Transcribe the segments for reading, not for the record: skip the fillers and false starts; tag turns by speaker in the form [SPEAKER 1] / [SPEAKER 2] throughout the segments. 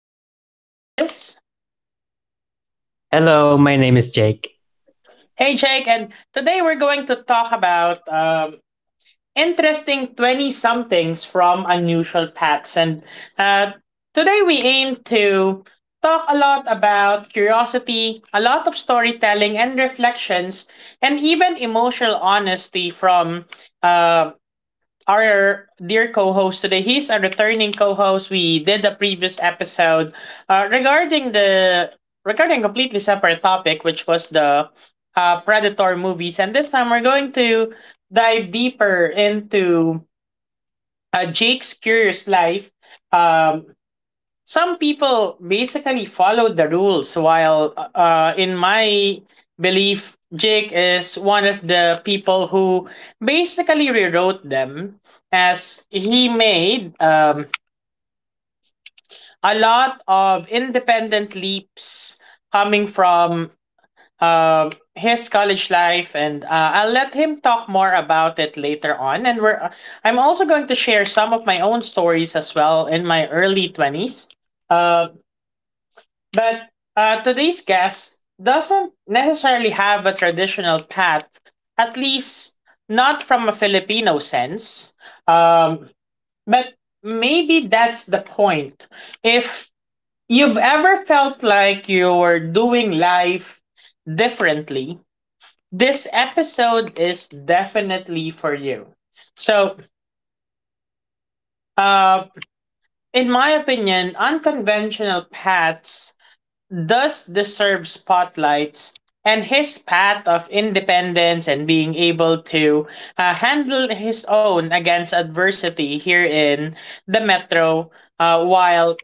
[SPEAKER 1] with me here is...
[SPEAKER 2] Hello, my name is Jake.
[SPEAKER 1] Hey Jake, and today we're going to talk about interesting 20 somethings from unusual paths. And uh, today we aim to talk a lot about curiosity, a lot of storytelling and reflections, and even emotional honesty from um, our dear co-host today. He's a returning co-host. We did the previous episode uh, regarding the regarding completely separate topic, which was the Predator movies, and this time we're going to dive deeper into Jake's curious life. Um, some people basically follow the rules while in my belief Jake is one of the people who basically rewrote them as he made a lot of independent leaps coming from his college life, and I'll let him talk more about it later on, and we're I'm also going to share some of my own stories as well in my early 20s uh. But today's guest doesn't necessarily have a traditional path, at least not from a Filipino sense. Um, but maybe that's the point. If you've ever felt like you're doing life differently, this episode is definitely for you. So, uh, in my opinion, unconventional paths does deserve spotlights, and his path of independence and being able to handle his own against adversity here in the metro while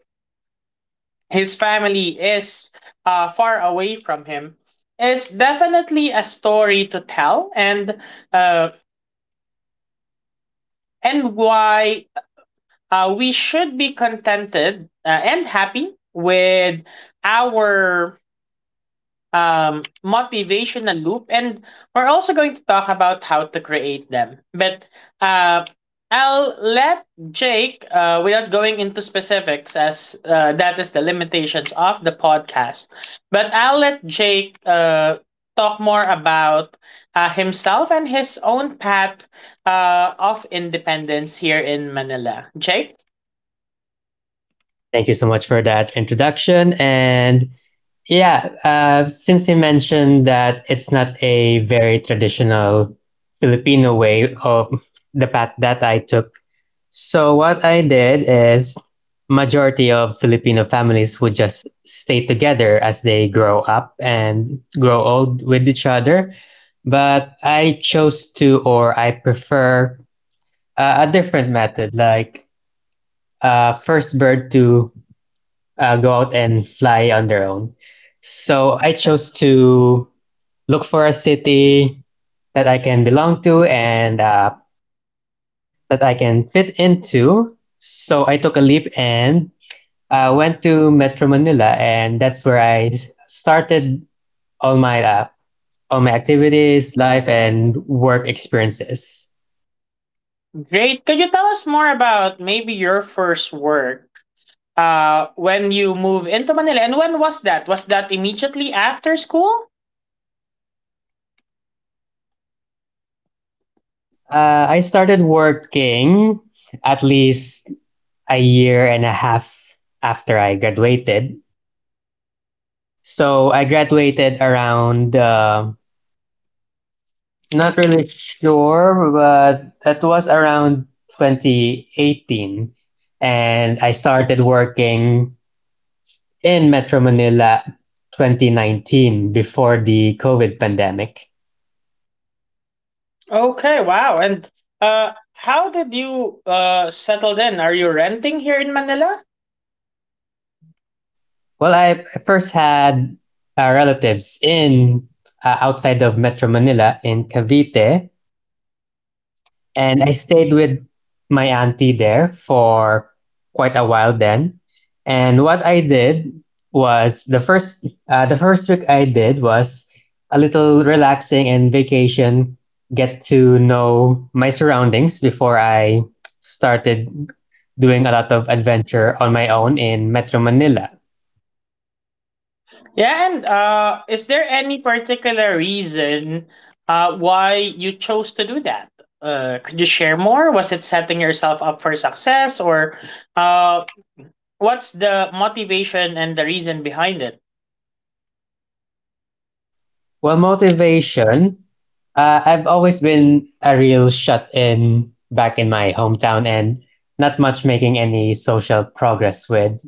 [SPEAKER 1] his family is far away from him is definitely a story to tell, and uh, and why we should be contented and happy with our motivational loop, and we're also going to talk about how to create them. But uh, I'll let Jake, without going into specifics, as that is the limitations of the podcast, but I'll let Jake talk more about himself and his own path of independence here in Manila. Jake,
[SPEAKER 2] Thank you so much for that introduction. And yeah, since you mentioned that it's not a very traditional Filipino way of the path that I took, so what I did is majority of Filipino families would just stay together as they grow up and grow old with each other. But I chose to, or I prefer a different method, like first birth to go out and fly on their own. So I chose to look for a city that I can belong to and that I can fit into. So I took a leap and went to Metro Manila, and that's where started all my uh, all my activities, life, and work experiences.
[SPEAKER 1] great. Could you tell us more about maybe your first work? When you move into Manila. And when was that? Was that immediately after school?
[SPEAKER 2] I started working at least a year and a half after I graduated. So I graduated around, not really sure, but that was around 2018. And I started working in Metro Manila 2019 before the COVID pandemic.
[SPEAKER 1] Okay, wow. And how did you settle in? Are you renting here in Manila?
[SPEAKER 2] Well, I first had relatives in outside of Metro Manila in Cavite, and I stayed with my auntie there for quite a while then. And what I did was the first week I did was a little relaxing and vacation, get to know my surroundings before I started doing a lot of adventure on my own in Metro Manila.
[SPEAKER 1] Yeah, and is there any particular reason why you chose to do that? Could you share more? Was it setting yourself up for success, or uh, what's the motivation and the reason behind it?
[SPEAKER 2] Well, motivation. I've always been a real shut in back in my hometown and not much making any social progress with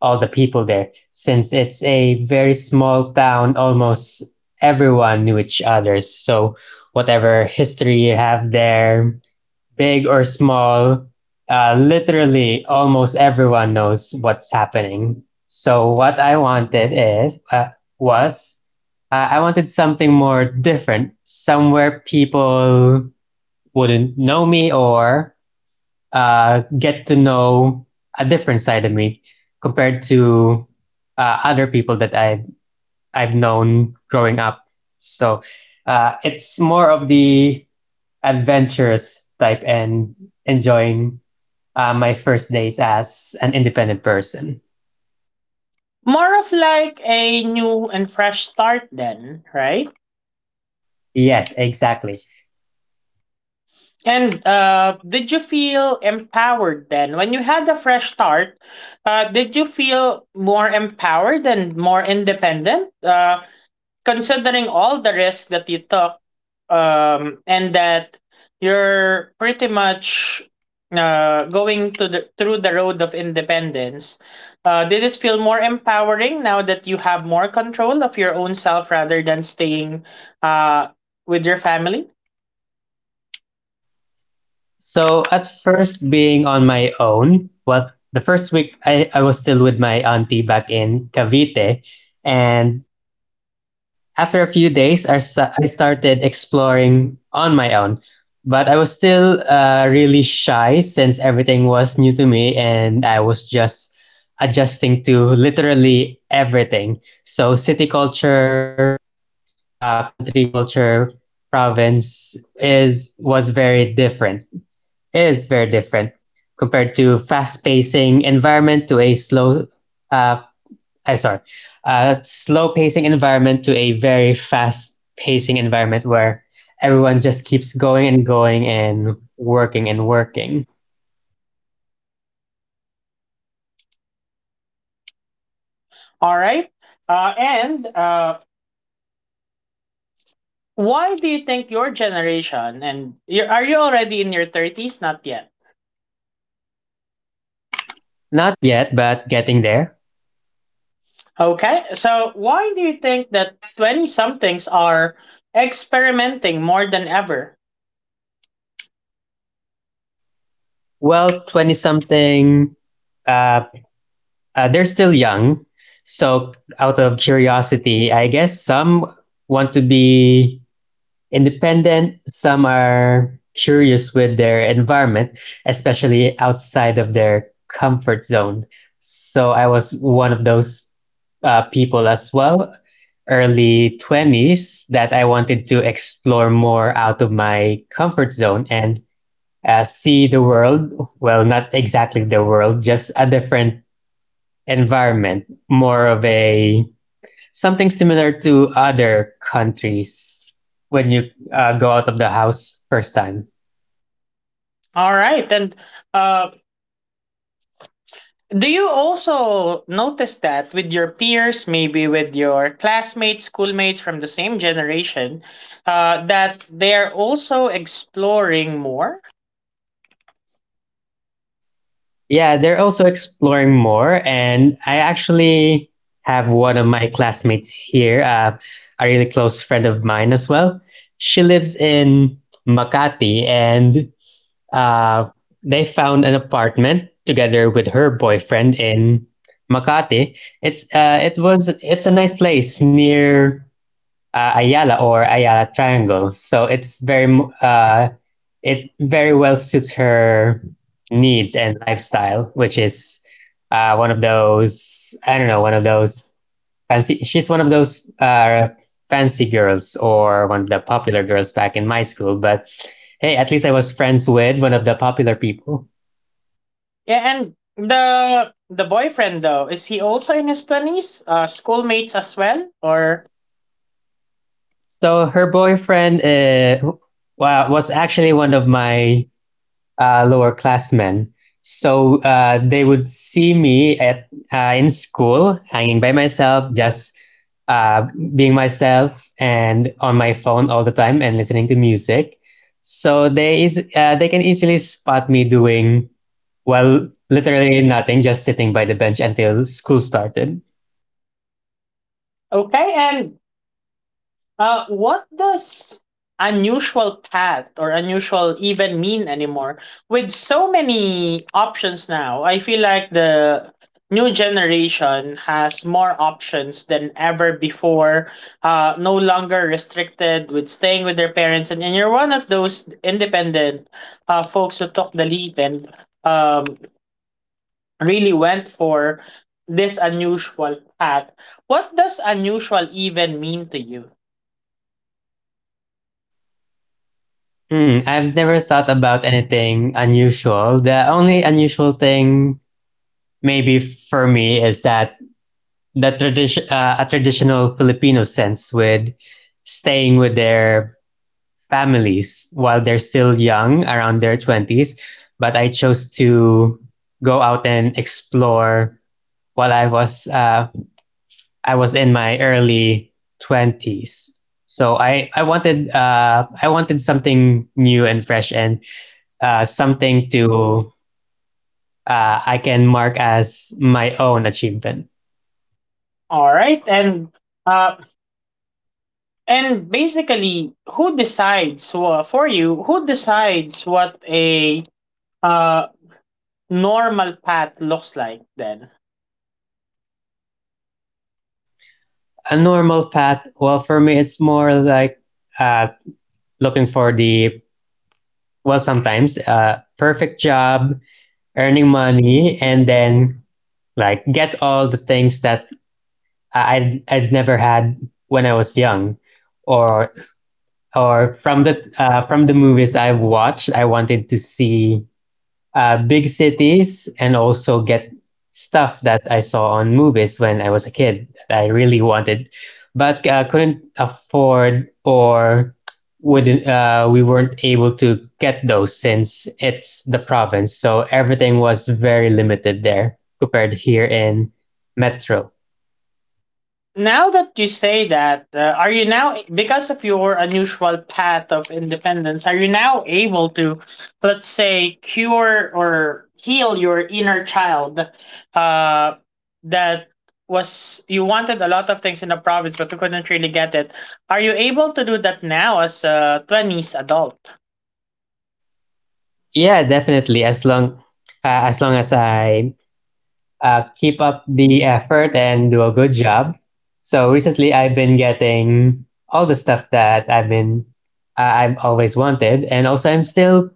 [SPEAKER 2] all the people there since it's a very small town, almost everyone knew each other. So, whatever history you have there, big or small, literally almost everyone knows what's happening. So what I wanted is was I wanted something more different, somewhere people wouldn't know me or get to know a different side of me compared to other people that I've known growing up. So it's more of the adventurous type and enjoying my first days as an independent person.
[SPEAKER 1] More of like a new and fresh start then, right?
[SPEAKER 2] Yes, exactly.
[SPEAKER 1] And did you feel empowered then? When you had the fresh start, did you feel more empowered and more independent? Considering all the risk that you took, and that you're pretty much going to the through the road of independence, did it feel more empowering now that you have more control of your own self rather than staying uh with your family?
[SPEAKER 2] So at first, being on my own, well, the first week I was still with my auntie back in Cavite, and after a few days, I started exploring on my own. But I was still really shy since everything was new to me and I was just adjusting to literally everything. So, city culture, country culture, province is was very different is very different compared to fast pacing environment to a slow uh I sorry slow pacing environment to a very fast pacing environment where everyone just keeps going and going and working and working.
[SPEAKER 1] All right. And Why do you think your generation, and you, are you already in your 30s? Not yet.
[SPEAKER 2] Not yet, but getting there.
[SPEAKER 1] Okay, so why do you think that 20 somethings are experimenting more than ever?
[SPEAKER 2] Well, 20 something uh uh, they're still young. So, out of curiosity, I guess some want to be independent, some are curious with their environment, especially outside of their comfort zone. So, I was one of those people as well, early 20s, that I wanted to explore more out of my comfort zone and see the world. Well, not exactly the world, just a different environment, more of a something similar to other countries when you go out of the house first time.
[SPEAKER 1] All right, and uh, do you also notice that with your peers, maybe with your classmates, schoolmates from the same generation, that they are also exploring more?
[SPEAKER 2] Yeah, they're also exploring more, and I actually have one of my classmates here, a really close friend of mine as well. She lives in Makati, and uh, they found an apartment together with her boyfriend in Makati. It's it was it's a nice place near Ayala or Ayala Triangle. So it's it very well suits her needs and lifestyle, which is one of those I don't know one of those fancy. She's one of those fancy girls or one of the popular girls back in my school. But hey, at least I was friends with one of the popular people.
[SPEAKER 1] Yeah, and the boyfriend though, is he also in his 20s? Schoolmates as well, or...
[SPEAKER 2] So her boyfriend was actually one of my lower classmen. So they would see me at in school, hanging by myself, just uh, being myself, and on my phone all the time, and listening to music. So they can easily spot me doing, well, literally nothing, just sitting by the bench until school started.
[SPEAKER 1] Okay, and what does unusual path or unusual even mean anymore? With so many options now, I feel like the new generation has more options than ever before. No longer restricted with staying with their parents, and you're one of those independent folks who took the leap and um, really went for this unusual path. What does unusual even mean to you?
[SPEAKER 2] Hmm, I've never thought about anything unusual. The only unusual thing maybe for me is that the tradition a traditional Filipino sense with staying with their families while they're still young around their 20s, but I chose to go out and explore while I was in my early 20s. So I wanted I wanted something new and fresh and something to I can mark as my own achievement.
[SPEAKER 1] All right, and uh, and basically, who decides for you? Who decides what a uh normal path looks like then?
[SPEAKER 2] A normal path, well, for me, it's more like uh looking for the, well, sometimes perfect job, earning money, and then like get all the things that I'd never had when I was young, or or from the movies I've watched. I wanted to see big cities and also get stuff that I saw on movies when I was a kid that I really wanted, but couldn't afford or wouldn't we weren't able to get those since it's the province. So everything was very limited there compared here in Metro.
[SPEAKER 1] Now that you say that, are you now, because of your unusual path of independence, are you now able to, let's say, cure or heal your inner child, uh, that was, you wanted a lot of things in the province, but you couldn't really get it? Are you able to do that now as a 20s adult?
[SPEAKER 2] Yeah, definitely. As long as I keep up the effort and do a good job. So recently, I've been getting all the stuff that I've always wanted, and also I'm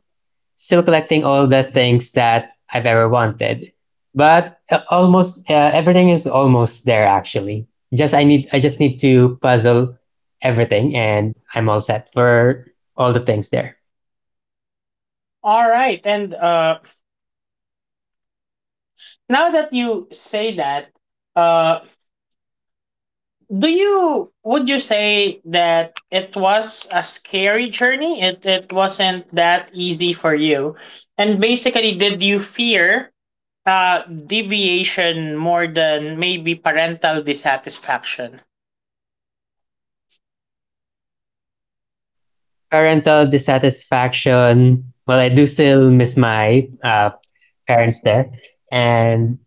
[SPEAKER 2] still collecting all the things that I've ever wanted. But almost everything is almost there actually. Just I need I just need to puzzle everything, and I'm all set for all the things there.
[SPEAKER 1] All right. And now that you say that, uh, do you... would you say that it was a scary journey, it wasn't that easy for you, and basically did you fear deviation more than maybe parental dissatisfaction?
[SPEAKER 2] Parental dissatisfaction. Well, I do still miss my parents there. And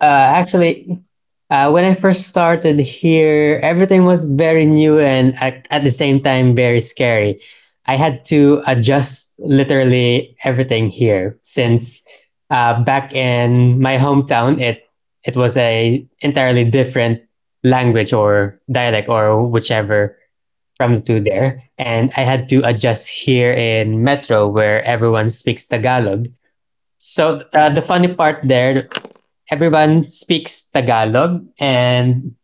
[SPEAKER 2] uh, actually, when I first started here, everything was very new and at the same time very scary. I had to adjust literally everything here since back in my hometown, it was a entirely different language or dialect or whichever from the two there, and I had to adjust here in Metro where everyone speaks Tagalog. So the funny part there, everyone speaks Tagalog, and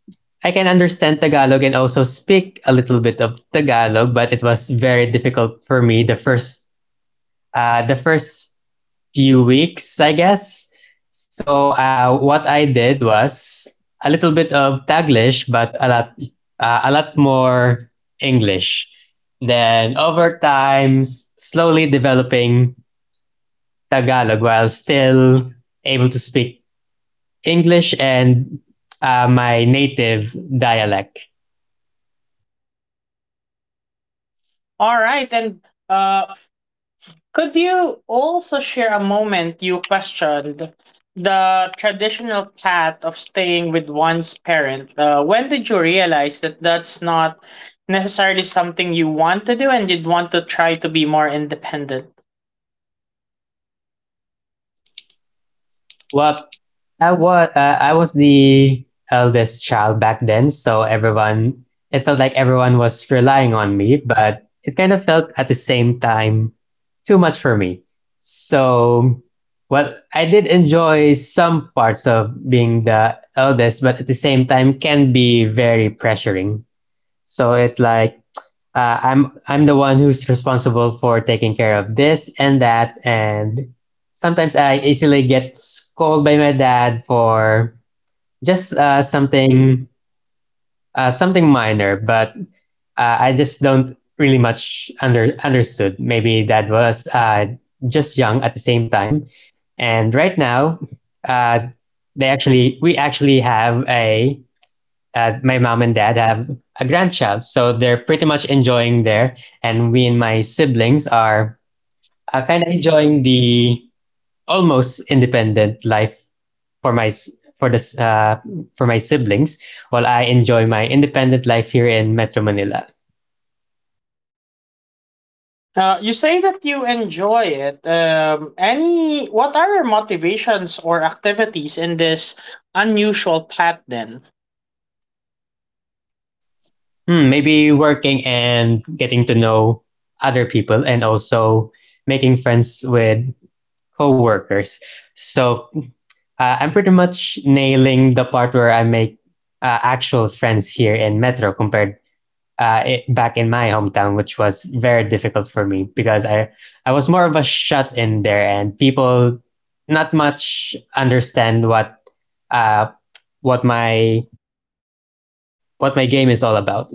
[SPEAKER 2] I can understand Tagalog and also speak a little bit of Tagalog, but it was very difficult for me the first few weeks, I guess. So what I did was a little bit of Taglish, but a lot more English. Then over time, slowly developing Tagalog while still able to speak English and my native dialect.
[SPEAKER 1] All right, and uh could you also share a moment you questioned the traditional path of staying with one's parent? When did you realize that that's not necessarily something you want to do and you'd want to try to be more independent?
[SPEAKER 2] Well, I was the eldest child back then, so everyone, it felt like everyone was relying on me, but it kind of felt at the same time too much for me. So, well, I did enjoy some parts of being the eldest, but at the same time can be very pressuring. So it's like I'm the one who's responsible for taking care of this and that, and sometimes I easily get scolded by my dad for just something minor, but I just don't really much under understood. Maybe dad was just young at the same time, and right now, uh, they actually we actually have a my mom and dad have a grandchild, so they're pretty much enjoying there. And we and my siblings are kind of enjoying the almost independent life for my s- for this for my siblings, while I enjoy my independent life here in Metro Manila.
[SPEAKER 1] You say that you enjoy it. Any... what are your motivations or activities in this unusual path then?
[SPEAKER 2] Hmm, maybe working and getting to know other people, and also making friends with coworkers. So I'm pretty much nailing the part where I make actual friends here in Metro compared back in my hometown, which was very difficult for me because I was more of a shut in there, and people not much understand uh, what my what my game is all about.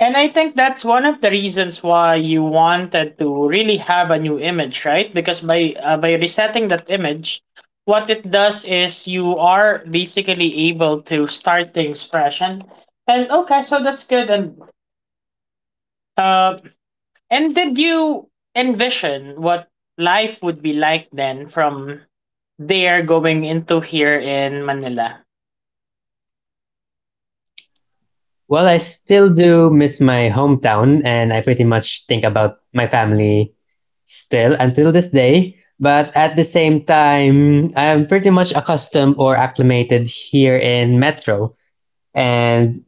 [SPEAKER 1] And I think that's one of the reasons why you wanted to really have a new image, right? Because by resetting that image, what it does is you are basically able to start things fresh. And okay, so that's good. And uh, and did you envision what life would be like then from there going into here in Manila?
[SPEAKER 2] Well, I still do miss my hometown, and I pretty much think about my family still until this day. But at the same time, I'm pretty much accustomed or acclimated here in Metro. And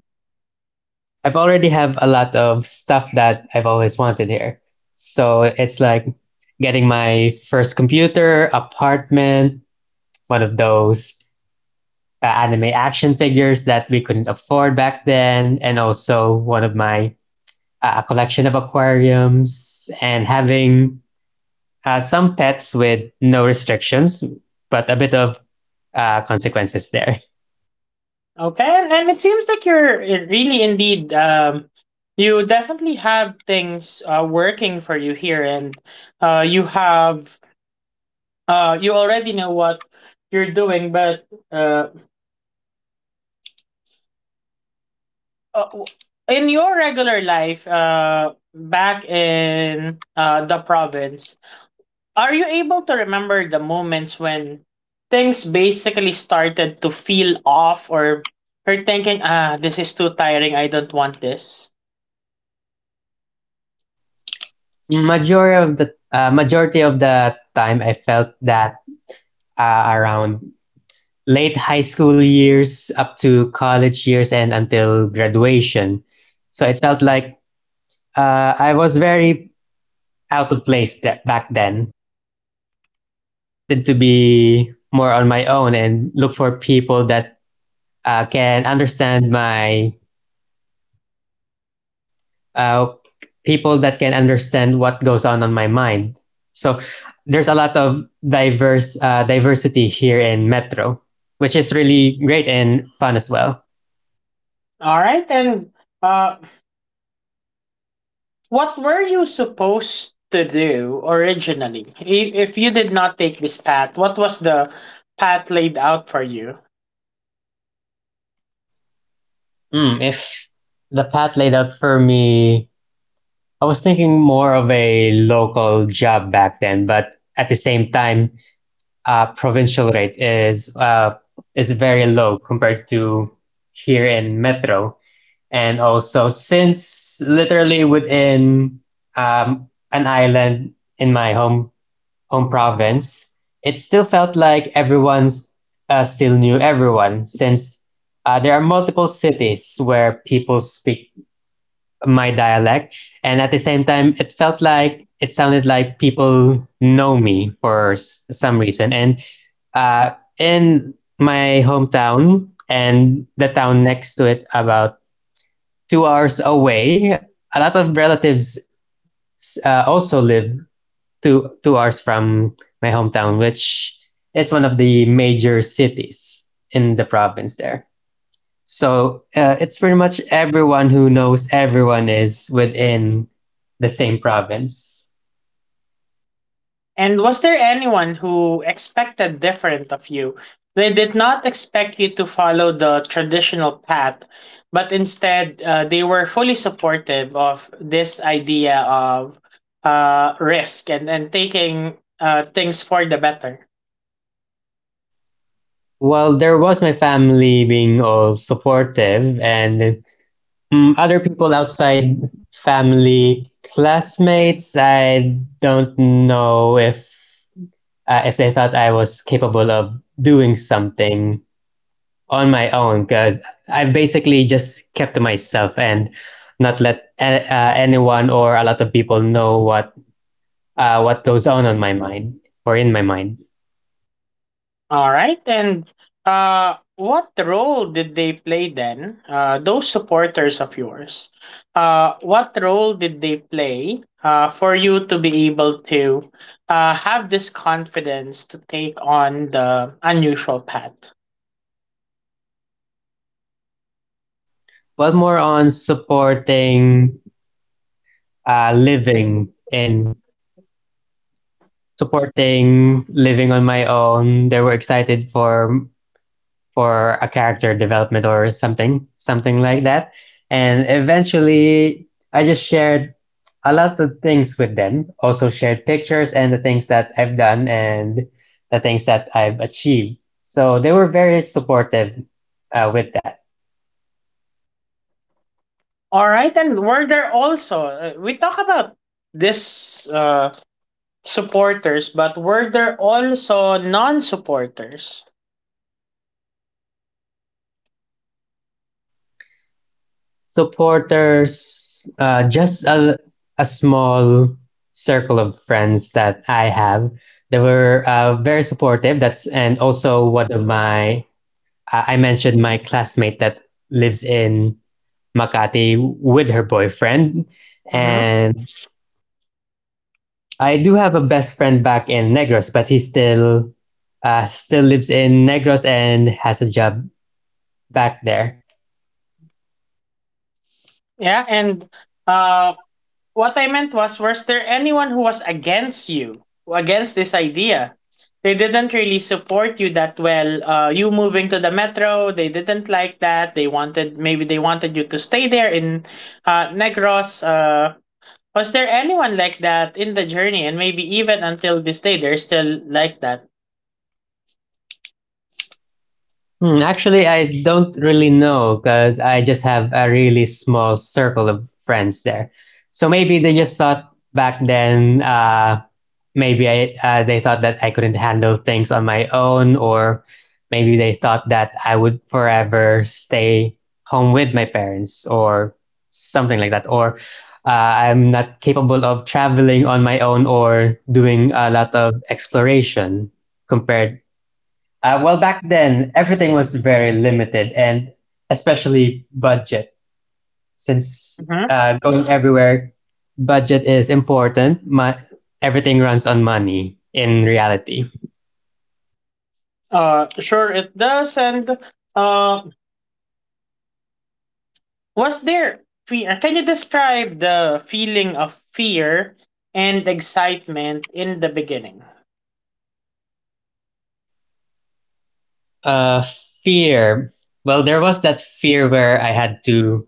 [SPEAKER 2] I've already have a lot of stuff that I've always wanted here. So it's like getting my first computer, apartment, one of those anime action figures that we couldn't afford back then, and also one of my a collection of aquariums and having some pets with no restrictions, but a bit of consequences there.
[SPEAKER 1] Okay, and it seems like you're really indeed, you definitely have things working for you here, and you have you already know what you're doing, but uh, w- in your regular life back in the province, are you able to remember the moments when things basically started to feel off, or you're thinking, ah, this is too tiring, I don't want this?
[SPEAKER 2] Majority of the time, I felt that around late high school years up to college years and until graduation, so it felt like I was very out of place that back then and wanted to be more on my own and look for people that can understand my uh, people that can understand what goes on my mind. So there's a lot of diverse diversity here in Metro, which is really great and fun as well.
[SPEAKER 1] All right, and uh, what were you supposed to do originally? I- If you did not take this path, what was the path laid out for you?
[SPEAKER 2] Mm, if the path laid out for me, I was thinking more of a local job back then, but at the same time, provincial rate is very low compared to here in Metro. And also, since literally within an island in my home province, it still felt like everyone's still knew everyone. Since there are multiple cities where people speak my dialect, and at the same time, it felt like it sounded like people know me for some reason. And uh, in my hometown and the town next to it, about 2 hours away. A lot of relatives also live two hours from my hometown, which is one of the major cities in the province there. So it's pretty much everyone who knows everyone is within the same province.
[SPEAKER 1] And was there anyone who expected different of you? They did not expect you to follow the traditional path, but instead they were fully supportive of this idea of risk, and taking things for the better.
[SPEAKER 2] Well, there was my family being all supportive, and mm, other people outside family, classmates, I don't know if they thought I was capable of doing something on my own, because I've basically just kept to myself and not let anyone or a lot of people know what goes on my mind or in my mind.
[SPEAKER 1] All right. And what role did they play then, those supporters of yours? What role did they play for you to be able to have this confidence to take on the unusual path?
[SPEAKER 2] Well, more on supporting living and supporting living on my own. They were excited for a character development or something, something like that. And eventually, I just shared a lot of things with them, also shared pictures and the things that I've done and the things that I've achieved. So they were very supportive with that.
[SPEAKER 1] All right. And were there also, we talk about this supporters, but were there also non supporters?
[SPEAKER 2] Supporters, just a small circle of friends that I have. They were very supportive. That's and also one of my I mentioned my classmate that lives in Makati with her boyfriend.
[SPEAKER 1] Mm-hmm.
[SPEAKER 2] And I do have a best friend back in Negros, but he still still lives in Negros and has a job back there.
[SPEAKER 1] Yeah. And uh, what I meant was there anyone who was against you, who against this idea? They didn't really support you that well. You moving to the metro, they didn't like that. They wanted... maybe they wanted you to stay there in Negros. Was there anyone like that in the journey, and maybe even until this day, they're still like that?
[SPEAKER 2] Hmm, actually, I don't really know because I just have a really small circle of friends there. So maybe they just thought back then maybe they thought that I couldn't handle things on my own, or maybe they thought that I would forever stay home with my parents, or something like that, or uh, I'm not capable of traveling on my own or doing a lot of exploration compared. Well, back then, everything was very limited and especially budget since
[SPEAKER 1] Mm-hmm.
[SPEAKER 2] going everywhere, budget is important. My everything runs on money in reality.
[SPEAKER 1] Sure, it does, and uh, was there fear? Can you describe the feeling of fear and excitement in the beginning?
[SPEAKER 2] Uh, Fear. Well, there was that fear where I had to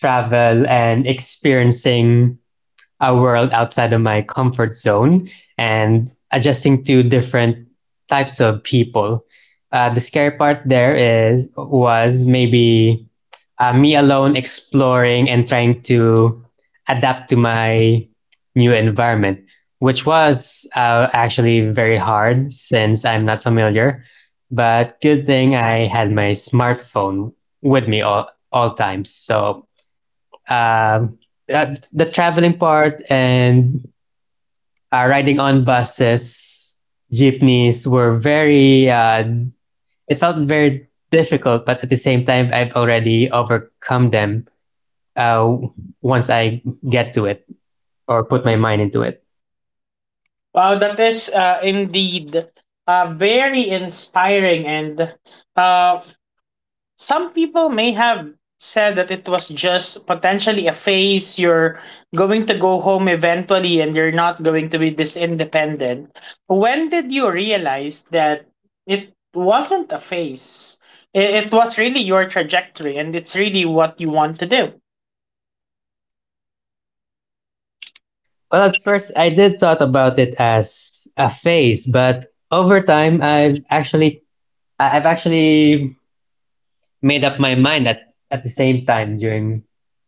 [SPEAKER 2] travel and experiencing a world outside of my comfort zone and adjusting to different types of people. The scary part there is was maybe me alone exploring and trying to adapt to my new environment, which was actually very hard since I'm not familiar. But good thing I had my smartphone with me all times, so um, the traveling part and riding on buses, jeepneys were very. It felt very difficult, but at the same time, I've already overcome them uh, once I get to it or put my mind into it.
[SPEAKER 1] Wow, that is indeed very inspiring, and uh, some people may have said that it was just potentially a phase, you're going to go home eventually and you're not going to be this independent. When did you realize that it wasn't a phase, I- it was really your trajectory and it's really what you want to do?
[SPEAKER 2] Well, at first, I did thought about it as a phase, but over time, I've actually made up my mind at the same time during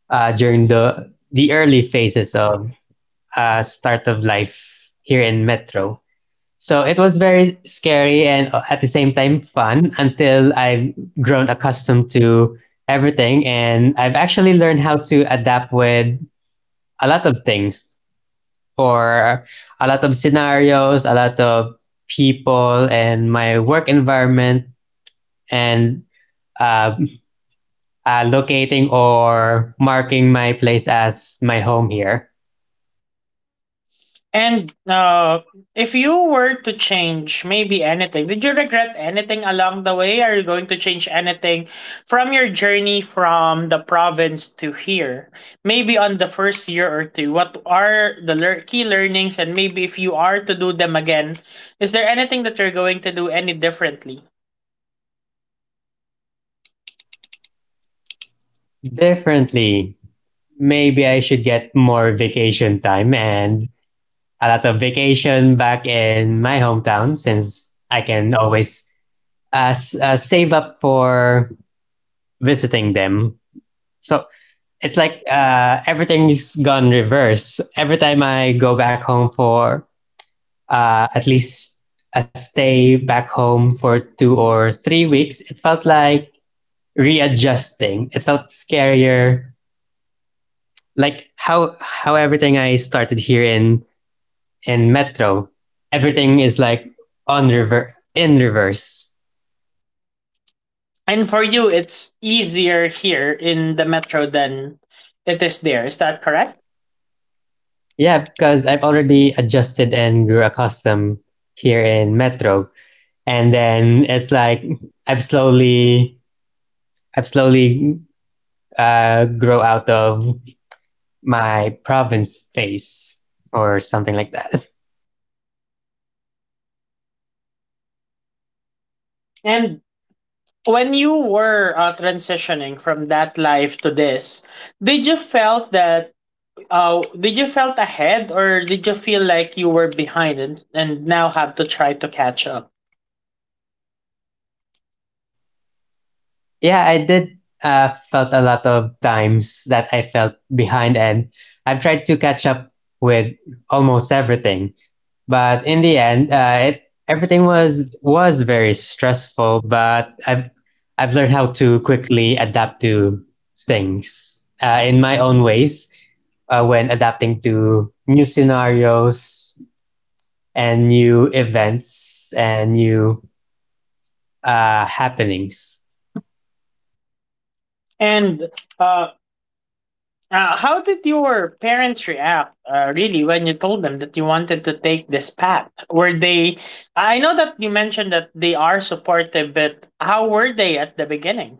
[SPEAKER 2] during the early phases of start of life here in Metro. So it was very scary and at the same time fun until I've grown accustomed to everything and I've actually learned how to adapt with a lot of things or a lot of scenarios, a lot of people and my work environment and uh, locating or marking my place as my home here
[SPEAKER 1] And if you were to change maybe anything, did you regret anything along the way? Are you going to change anything from your journey from the province to here? Maybe on the first year or two, what are the key learnings? And maybe if you are to do them again, is there anything that you're going to do any differently?
[SPEAKER 2] differently. Maybe I should get more vacation time and a lot of vacation back in my hometown since I can always save up for visiting them. So it's like everything's gone reverse. Every time I go back home for at least a stay back home for 2 or 3 weeks, it felt like readjusting. It felt scarier. Like how everything I started here in Metro, everything is like in reverse.
[SPEAKER 1] And for you, it's easier here in the metro than it is there. Is that correct?
[SPEAKER 2] Yeah, because I've already adjusted and grew accustomed here in Metro, and then it's like I've slowly I've slowly grow out of my province phase or something like that.
[SPEAKER 1] And when you were transitioning from that life to this, did you felt that did you felt ahead, or did you feel like you were behind and now have to try to catch up?
[SPEAKER 2] Yeah, I did uh, felt a lot of times that I felt behind, and I've tried to catch up with almost everything. But in the end, it everything was very stressful. But I've learned how to quickly adapt to things in my own ways when adapting to new scenarios and new events and new happenings.
[SPEAKER 1] And uh, how did your parents react really when you told them that you wanted to take this path? Were they... I know that you mentioned that they are supportive, but how were they at the beginning?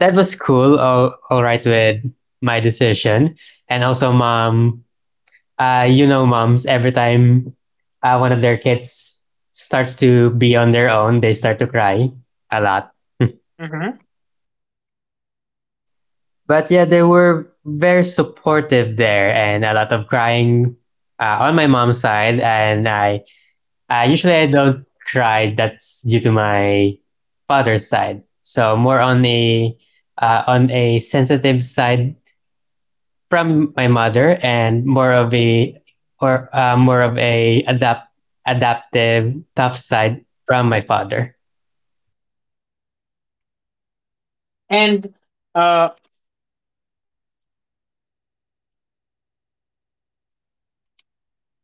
[SPEAKER 2] That was cool. All right with my decision, and also mom, you know, moms, every time one of their kids starts to be on their own, they start to cry a lot.
[SPEAKER 1] Mm-hmm.
[SPEAKER 2] But yeah, they were very supportive there and a lot of crying on my mom's side. And I usually I don't cry. That's due to my father's side. So more on a sensitive side from my mother and more of a or more of a adaptive tough side from my father.
[SPEAKER 1] And uh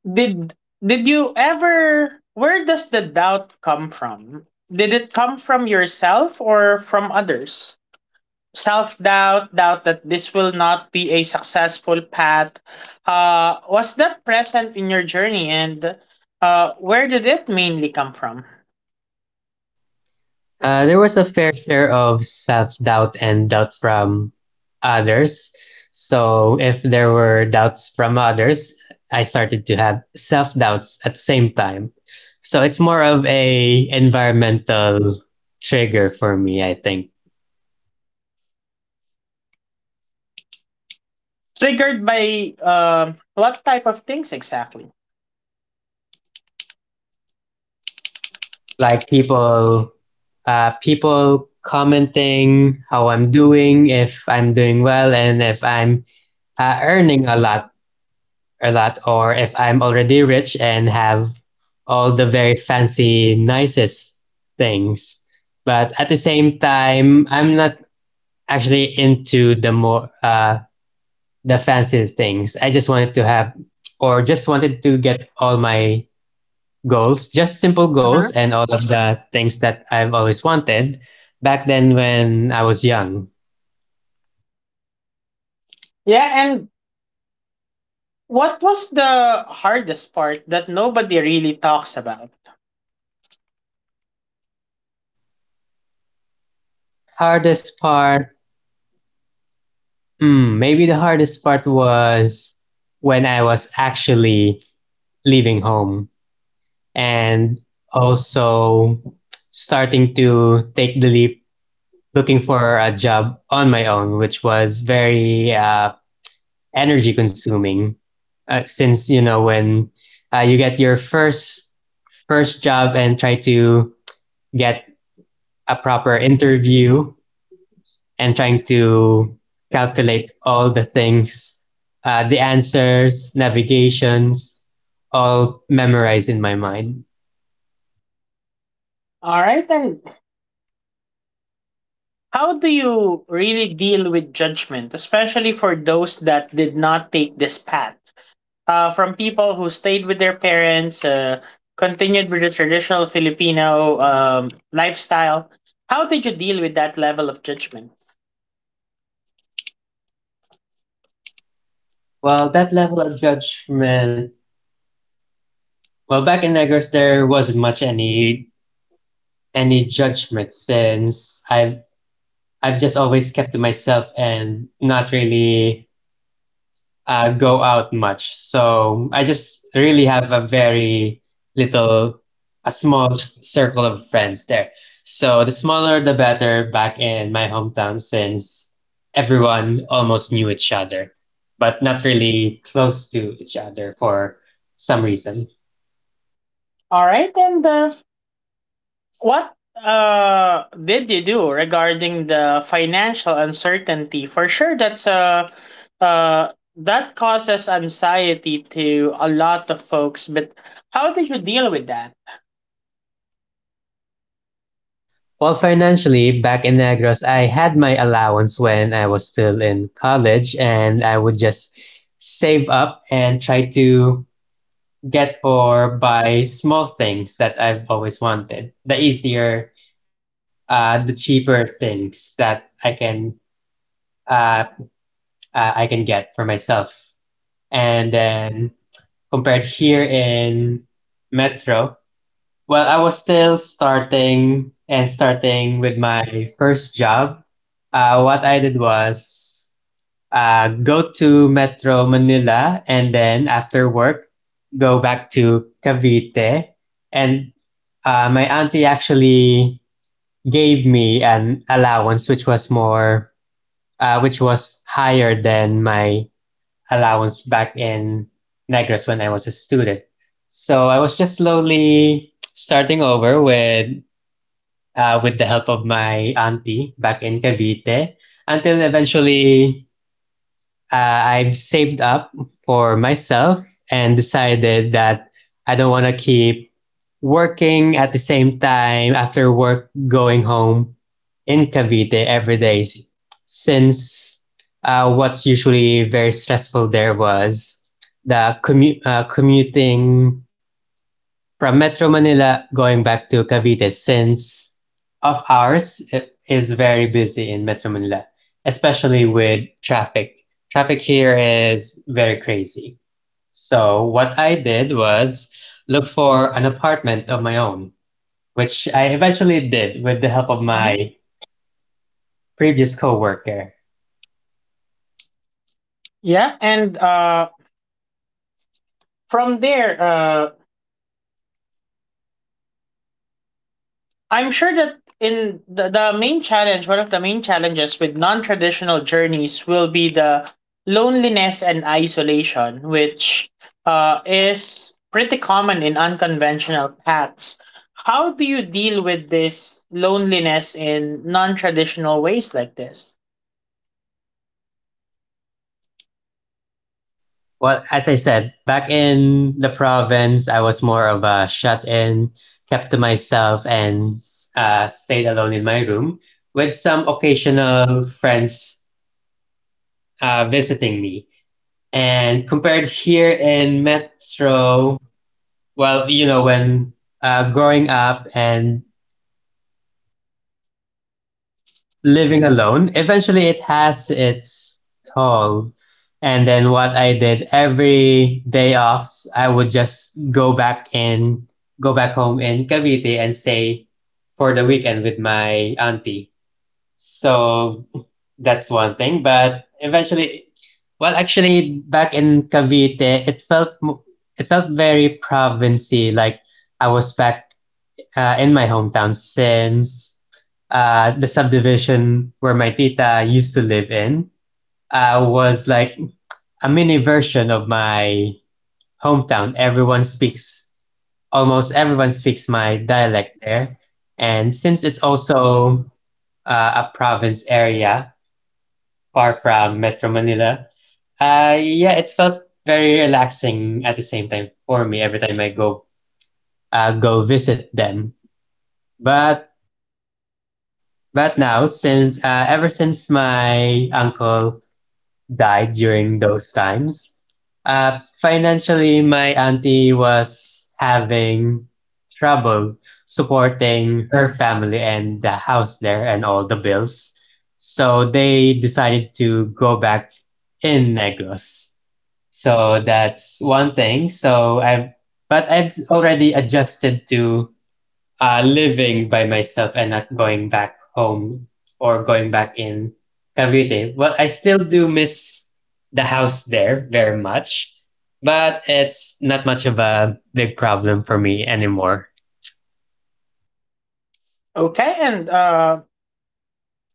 [SPEAKER 1] did did you ever... where does the doubt come from, did it come from yourself or from others? Self doubt, doubt that this will not be a successful path, was that present in your journey, and where did it mainly come from?
[SPEAKER 2] There was a fair share of self doubt and doubt from others. So if there were doubts from others, I started to have self doubts at the same time. So it's more of a environmental trigger for me, I think.
[SPEAKER 1] Triggered by what type of things exactly?
[SPEAKER 2] Like people people commenting how I'm doing, if I'm doing well, and if I'm earning a lot, or if I'm already rich and have all the very fancy, nicest things. But at the same time, I'm not actually into the fancy things. I just wanted to have, or just wanted to get all my goals, just simple goals
[SPEAKER 1] Mhm.
[SPEAKER 2] and all of the things that I've always wanted back then when I was young.
[SPEAKER 1] Yeah, and what was the hardest part that nobody really talks about?
[SPEAKER 2] Hardest part, hmm, maybe the hardest part was when I was actually leaving home and also starting to take the leap looking for a job on my own, which was very energy consuming. Since you know when you get your first job and try to get a proper interview and trying to calculate all the things, the answers, navigations, all memorized in my mind.
[SPEAKER 1] All right, and how do you really deal with judgment, especially for those that did not take this path? From people who stayed with their parents, continued with the traditional Filipino lifestyle. How did you deal with that level of judgment?
[SPEAKER 2] Well, that level of judgment. Well, back in Negros, there wasn't much any judgment since I've just always kept to myself and not really go out much. So I just really have a very little, a small circle of friends there. So the smaller, the better back in my hometown since everyone almost knew each other, but not really close to each other for some reason.
[SPEAKER 1] All right, and what did you do regarding the financial uncertainty? For sure, that's that causes anxiety to a lot of folks, but how did you deal with that?
[SPEAKER 2] Well, financially, back in Negros, I had my allowance when I was still in college, and I would just save up and try to get or buy small things that I've always wanted. The easier, the cheaper things that uh, I can get for myself. And then compared here in Metro, well, I was still starting and starting with my first job. What I did was go to Metro Manila and then after work, go back to Cavite. And my auntie actually gave me an allowance, which was which was higher than my allowance back in Negros when I was a student. So I was just slowly starting over with the help of my auntie back in Cavite until eventually I've saved up for myself and decided that I don't want to keep working at the same time after work going home in Cavite every day since what's usually very stressful there was the commuting from Metro Manila going back to Cavite since of ours is very busy in Metro Manila, especially with traffic. Traffic here is very crazy. So what I did was look for an apartment of my own, which I eventually did with the help of
[SPEAKER 1] Mhm.
[SPEAKER 2] my previous coworker.
[SPEAKER 1] Yeah, and from there, I'm sure that in the main challenge, one of the main challenges with non traditional journeys will be the loneliness and isolation, which is pretty common in unconventional paths. How do you deal with this loneliness in non traditional ways like this?
[SPEAKER 2] Well, as I said, back in the province, I was more of a shut in, kept to myself, and stayed alone in my room with some occasional friends visiting me. And compared here in Metro, well, you know, when growing up and living alone. Eventually, it has its toll. And then what I did every day offs, I would just go back home in Cavite and stay for the weekend with my auntie. So that's one thing. But eventually, well, actually, back in Cavite, it felt very provincey. Like I was back in my hometown since the subdivision where my tita used to live in was like a mini version of my hometown. Almost everyone speaks my dialect there. And since it's also a province area far from Metro Manila, yeah, it felt very relaxing at the same time for me every time I go go visit them. But But now, since ever since my uncle died during those times, financially, my auntie was having trouble supporting her family and the house there and all the bills. So they decided to go back in Negros. So that's one thing. But I've already adjusted to living by myself and not going back home or going back in Cavite. Well, I still do miss the house there very much, but it's not much of a big problem for me anymore.
[SPEAKER 1] Okay, and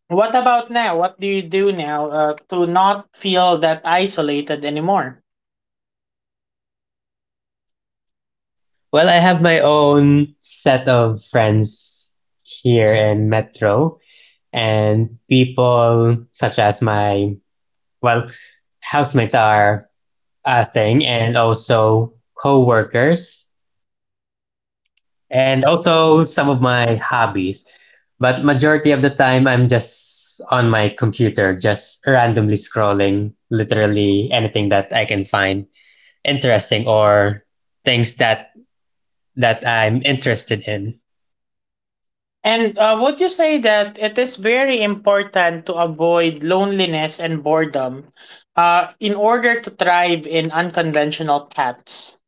[SPEAKER 1] what about now? What do you do now to not feel that isolated anymore?
[SPEAKER 2] Well, I have my own set of friends here in Metro and people such as well, housemates are a thing and also co-workers and also some of my hobbies. But majority of the time, I'm just on my computer, just randomly scrolling, literally anything that I can find interesting or things that I'm interested in.
[SPEAKER 1] And would you say that it is very important to avoid loneliness and boredom in order to thrive in unconventional paths?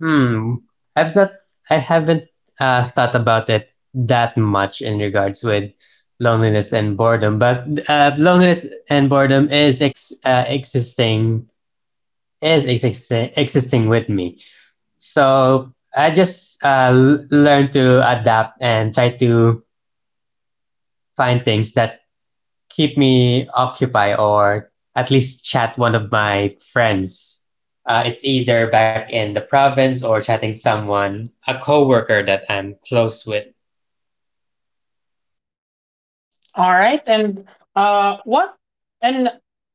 [SPEAKER 2] Hmm, I've not, I haven't thought about it that much in regards with loneliness and boredom, but loneliness and boredom is existing with me. So I just learn to adapt and try to find things that keep me occupied or at least chat one of my friends. It's either back in the province or chatting someone, a coworker that I'm close with.
[SPEAKER 1] All right, and what and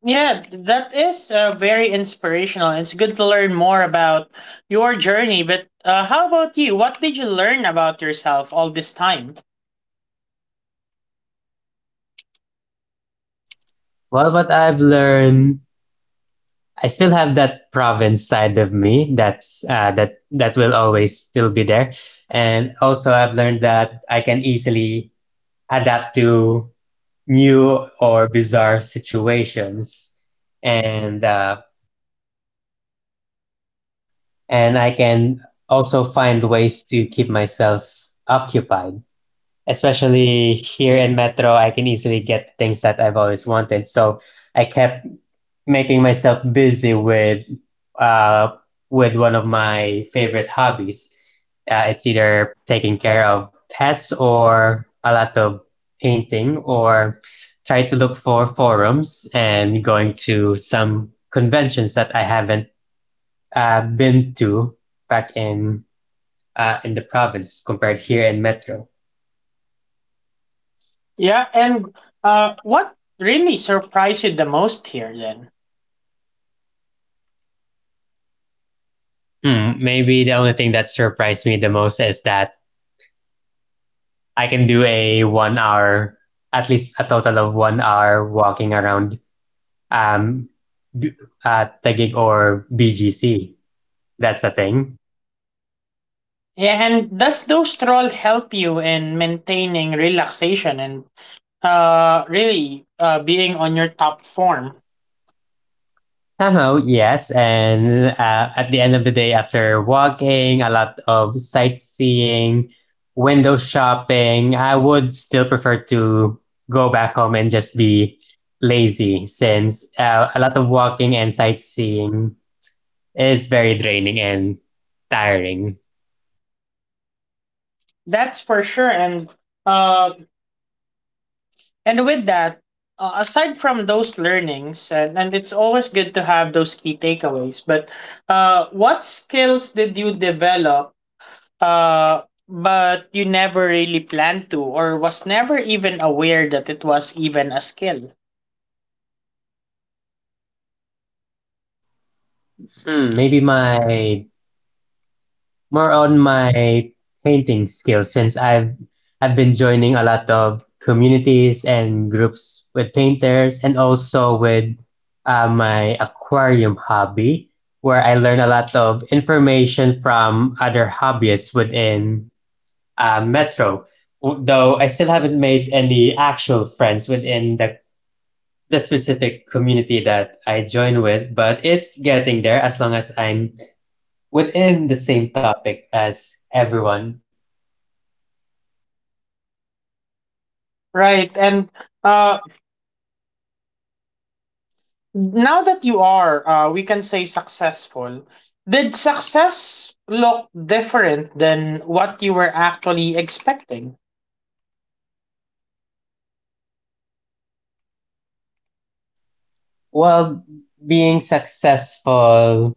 [SPEAKER 1] yeah, that is very inspirational. It's good to learn more about your journey. But how about you? What did you learn about yourself all this time?
[SPEAKER 2] Well, what I've learned, I still have that province side of me that will always still be there, and also I've learned that I can easily adapt to new or bizarre situations and uh, and I can also find ways to keep myself occupied. Especially here in Metro, I can easily get things that I've always wanted. So I kept making myself busy with uh, with one of my favorite hobbies. It's either taking care of pets or a lot of painting or try to look for forums and going to some conventions that I haven't been to back in the province compared here in Metro.
[SPEAKER 1] Yeah, and what really surprised you the most here then?
[SPEAKER 2] Hmm, maybe the only thing that surprised me the most is that I can do a 1 hour, at least a total of 1 hour walking around um, B- Taguig or BGC. That's a thing.
[SPEAKER 1] Yeah, and does those stroll help you in maintaining relaxation and really, being on your top form?
[SPEAKER 2] Somehow, yes. And at the end of the day, after walking, a lot of sightseeing, window shopping, I would still prefer to go back home and just be lazy since a lot of walking and sightseeing is very draining and tiring.
[SPEAKER 1] That's for sure. Uh, and with that, aside from those learnings, and it's always good to have those key takeaways. But what skills did you develop, Uh, but you never really planned to, or was never even aware that it was even a skill?
[SPEAKER 2] Hmm, maybe my more on my painting skills since I've been joining a lot of communities and groups with painters and also with my aquarium hobby where I learn a lot of information from other hobbyists within Metro. Though I still haven't made any actual friends within the specific community that I join with, but it's getting there as long as I'm within the same topic as everyone.
[SPEAKER 1] Right. And uh, now that you are, we can say, successful, did success look different than what you were actually expecting?
[SPEAKER 2] While being successful,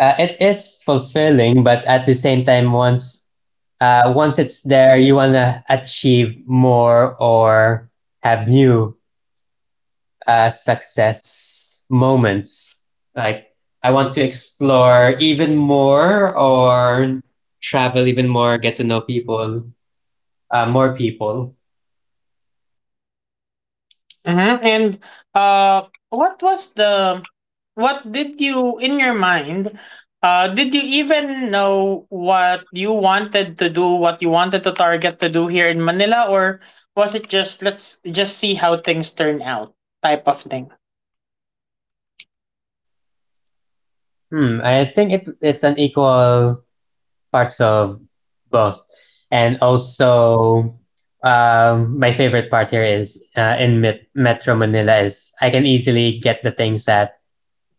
[SPEAKER 2] it is fulfilling, but at the same time, once it's there, you wanna achieve more or have new success moments. Like I want to explore even more or travel even more, get to know people, more people.
[SPEAKER 1] Mm-hmm. And uh, what was the what did you in your mind? Did you even know what you wanted to do, what you wanted to target to do here in Manila, or was it just, let's just see how things turn out, type of thing?
[SPEAKER 2] Hmm, I think it's an equal parts of both. And also, my favorite part here is Metro Manila is I can easily get the things that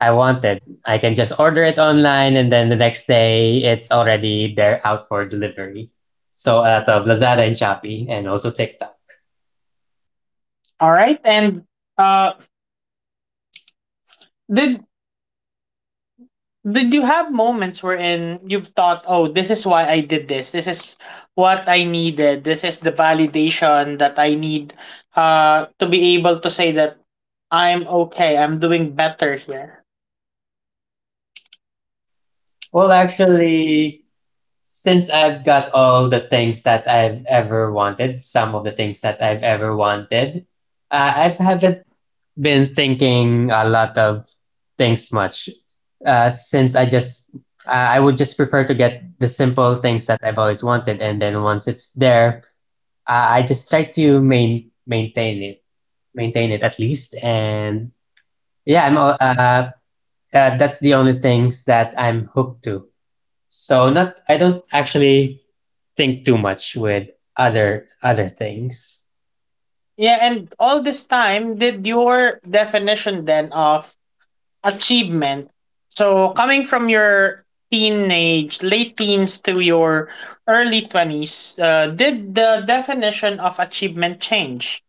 [SPEAKER 2] I wanted. I can just order it online, and then the next day it's already there out for delivery. So out of Lazada and Shopee, and also TikTok.
[SPEAKER 1] All right, and uh, did did you have moments wherein you've thought, oh, this is why I did this. This is what I needed. This is the validation that I need to be able to say that I'm okay. I'm doing better here.
[SPEAKER 2] Well, actually, since I've got all the things that I've ever wanted, some of the things that I've ever wanted, I've haven't been thinking a lot of things much since I would just prefer to get the simple things that I've always wanted, and then once it's there, I just try to maintain it at least, and yeah, I'm al- uh, that's the only things that I'm hooked to. So not I don't actually think too much with other things.
[SPEAKER 1] Yeah, and all this time, did your definition then of achievement? So, coming from your teenage, late teens to your early 20s, did the definition of achievement change?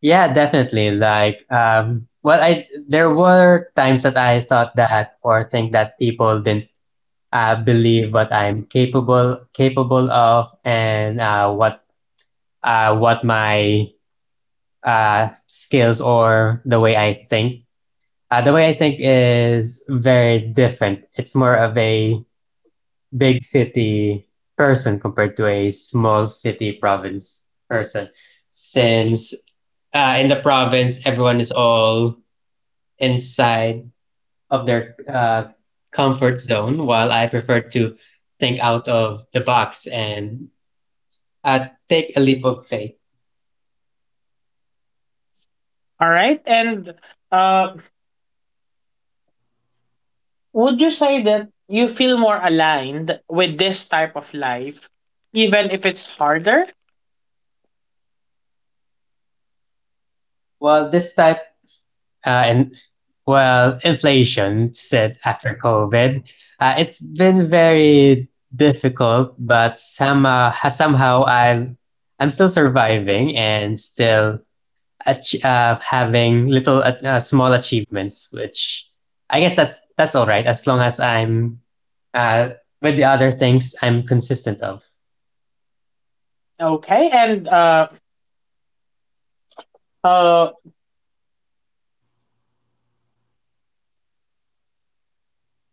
[SPEAKER 2] Yeah, definitely. Like, well, I there were times that I thought that or think that people didn't believe what I'm capable of and what my skills or the way I think. The way I think is very different. It's more of a big city person compared to a small city province person, since in the province everyone is all inside of their comfort zone, while I prefer to think out of the box and take a leap of faith.
[SPEAKER 1] All right. And uh, would you say that you feel more aligned with this type of life, even if it's harder?
[SPEAKER 2] Well, this type and well, inflation said after COVID, it's been very difficult, but somehow I'm still surviving and still having little small achievements, which I guess that's all right as long as I'm uh, with the other things I'm consistent of.
[SPEAKER 1] Okay, and uh,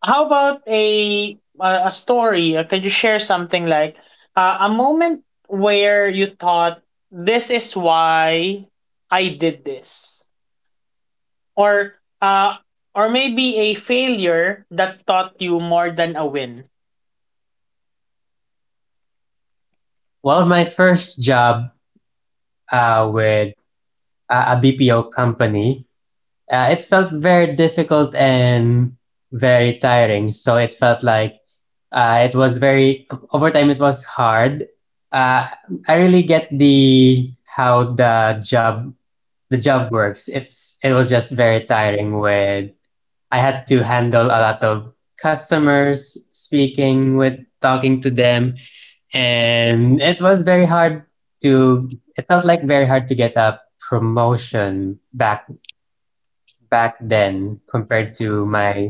[SPEAKER 1] how about a story? Could you share something like a moment where you thought, this is why I did this, or uh or maybe a failure that taught you more than a win?
[SPEAKER 2] Well, my first job with a BPO company, it felt very difficult and very tiring. So it felt like it was very over time. It was hard. Uh, I really get the how the job works. It was just very tiring. With I had to handle a lot of customers, speaking with talking to them, and it was very hard to it felt like very hard to get a promotion back then compared to my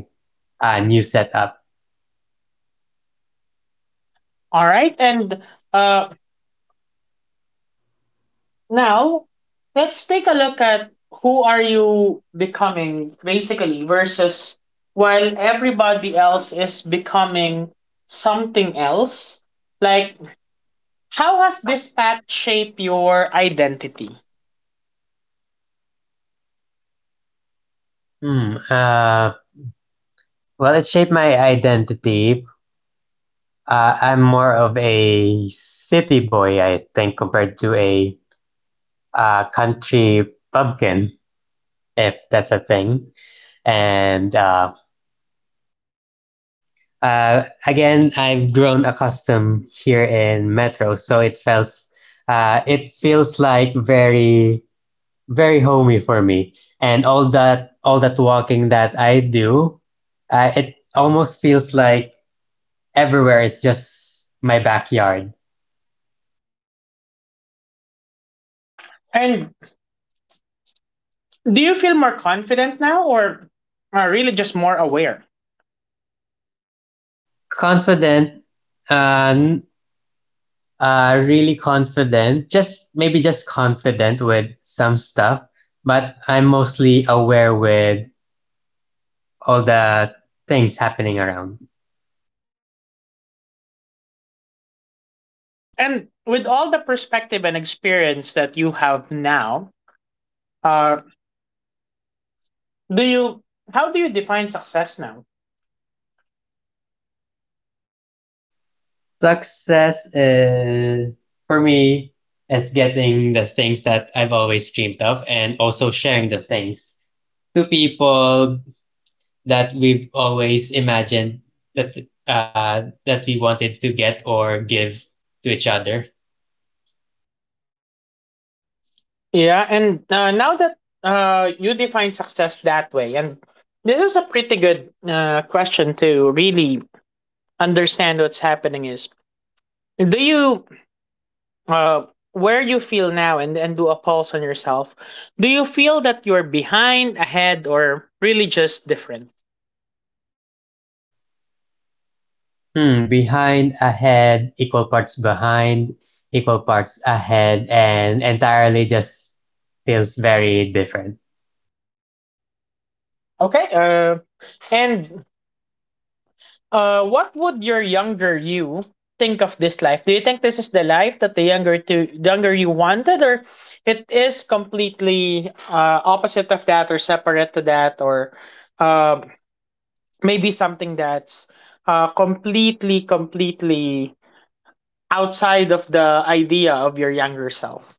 [SPEAKER 2] new setup.
[SPEAKER 1] All right. And uh now, let's take a look at who are you becoming, basically, versus while everybody else is becoming something else. Like how has this path shaped your identity?
[SPEAKER 2] Hmm, uh, well, it shaped my identity. I'm more of a city boy, I think, compared to a country pumpkin, if that's a thing. And Again, I've grown accustomed here in Metro, so it feels like very homey for me. And all that walking that I do, it almost feels like everywhere is just my backyard.
[SPEAKER 1] And do you feel more confident now, or are really just more aware?
[SPEAKER 2] Confident, uh, n- Really confident. Just maybe just confident with some stuff, but I'm mostly aware with all the things happening around.
[SPEAKER 1] And with all the perspective and experience that you have now, uh, do you how do you define success now?
[SPEAKER 2] Success for me is getting the things that I've always dreamed of and also sharing the things to people that we've always imagined that that we wanted to get or give to each other.
[SPEAKER 1] Yeah, and now that you define success that way, and this is a pretty good question to really understand what's happening is, do you uh, where you feel now, and do a pulse on yourself. Do you feel that you're behind, ahead, or really just different?
[SPEAKER 2] Hmm, behind, ahead, equal parts behind, equal parts ahead, and entirely just feels very different.
[SPEAKER 1] Okay. And what would your younger you think of this life? Do you think this is the life that the younger to younger you wanted, or it is completely opposite of that, or separate to that, or uh, maybe something that's completely, completely outside of the idea of your younger self?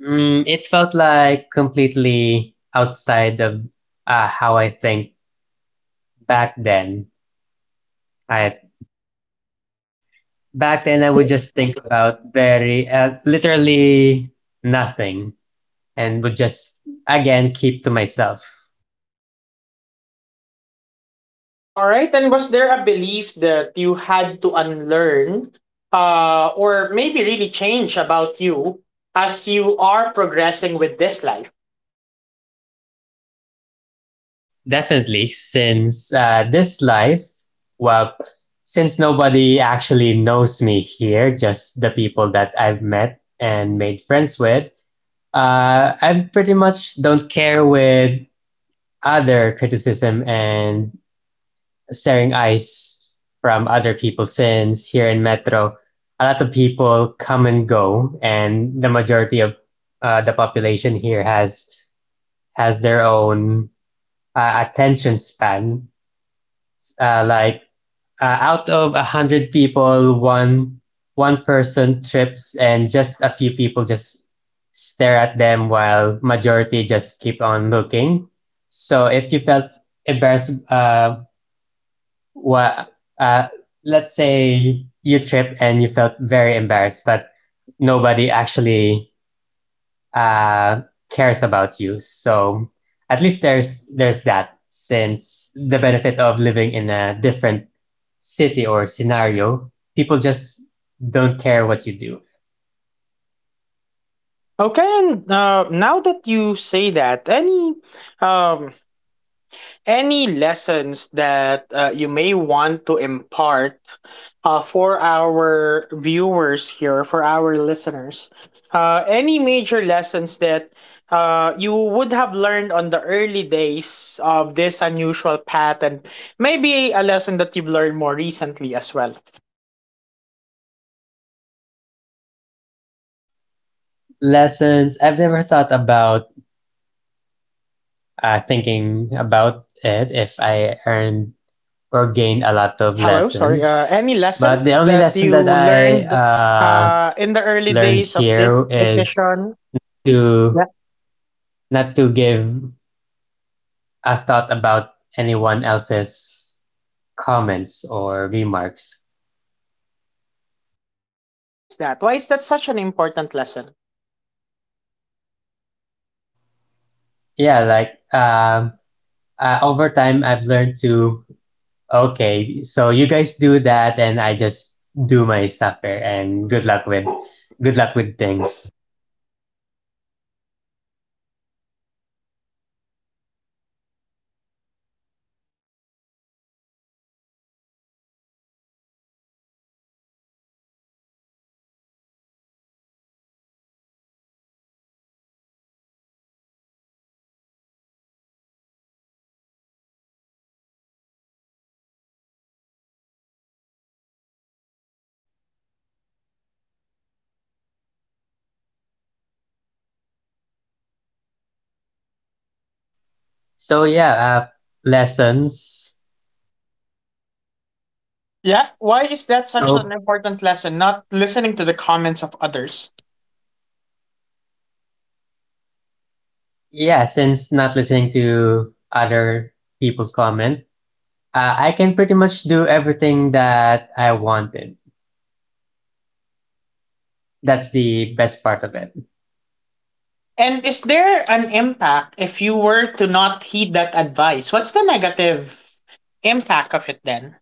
[SPEAKER 2] Mm, it felt like completely outside of how I think back then. I Back then I would just think about very literally nothing and would just again keep to myself.
[SPEAKER 1] All right. And was there a belief that you had to unlearn, or maybe really change about you, as you are progressing with this life?
[SPEAKER 2] Definitely, since this life, well, since nobody actually knows me here, just the people that I've met and made friends with, I pretty much don't care with other criticism and staring eyes from other people since here in Metro, a lot of people come and go, and the majority of the population here has their own attention span. Uh, like Out of 100 people, one person trips, and just a few people just stare at them while majority just keep on looking. So if you felt embarrassed well, uh, let's say you tripped and you felt very embarrassed, but nobody actually uh, cares about you. So at least there's that. Since the benefit of living in a different city or scenario, people just don't care what you do.
[SPEAKER 1] Okay, and now that you say that, um, any lessons that you may want to impart, for our viewers here, for our listeners? Any major lessons that you would have learned on the early days of this unusual path, and maybe a lesson that you've learned more recently as well?
[SPEAKER 2] Lessons I've never thought about thinking about it if I earned or gained a lot of
[SPEAKER 1] Hello, sorry.
[SPEAKER 2] lessons.
[SPEAKER 1] Any
[SPEAKER 2] But
[SPEAKER 1] lesson
[SPEAKER 2] the only
[SPEAKER 1] that
[SPEAKER 2] lesson
[SPEAKER 1] you
[SPEAKER 2] that I
[SPEAKER 1] learned in the early
[SPEAKER 2] learned
[SPEAKER 1] days of
[SPEAKER 2] here
[SPEAKER 1] this
[SPEAKER 2] is
[SPEAKER 1] decision?
[SPEAKER 2] to
[SPEAKER 1] Yeah.
[SPEAKER 2] not to give a thought about anyone else's comments or remarks.
[SPEAKER 1] Why is that? Why is that such an important lesson?
[SPEAKER 2] Yeah, like um, Over time, I've learned to okay, so you guys do that, and I just do my stuff here, and good luck with things. So yeah, lessons.
[SPEAKER 1] Yeah, why is that such
[SPEAKER 2] So
[SPEAKER 1] an important lesson? Not listening to the comments of others.
[SPEAKER 2] yeah, since not listening to other people's comment, I can pretty much do everything that I wanted. That's the best part of it.
[SPEAKER 1] And is there an impact if you were to not heed that advice? What's the negative impact of it then?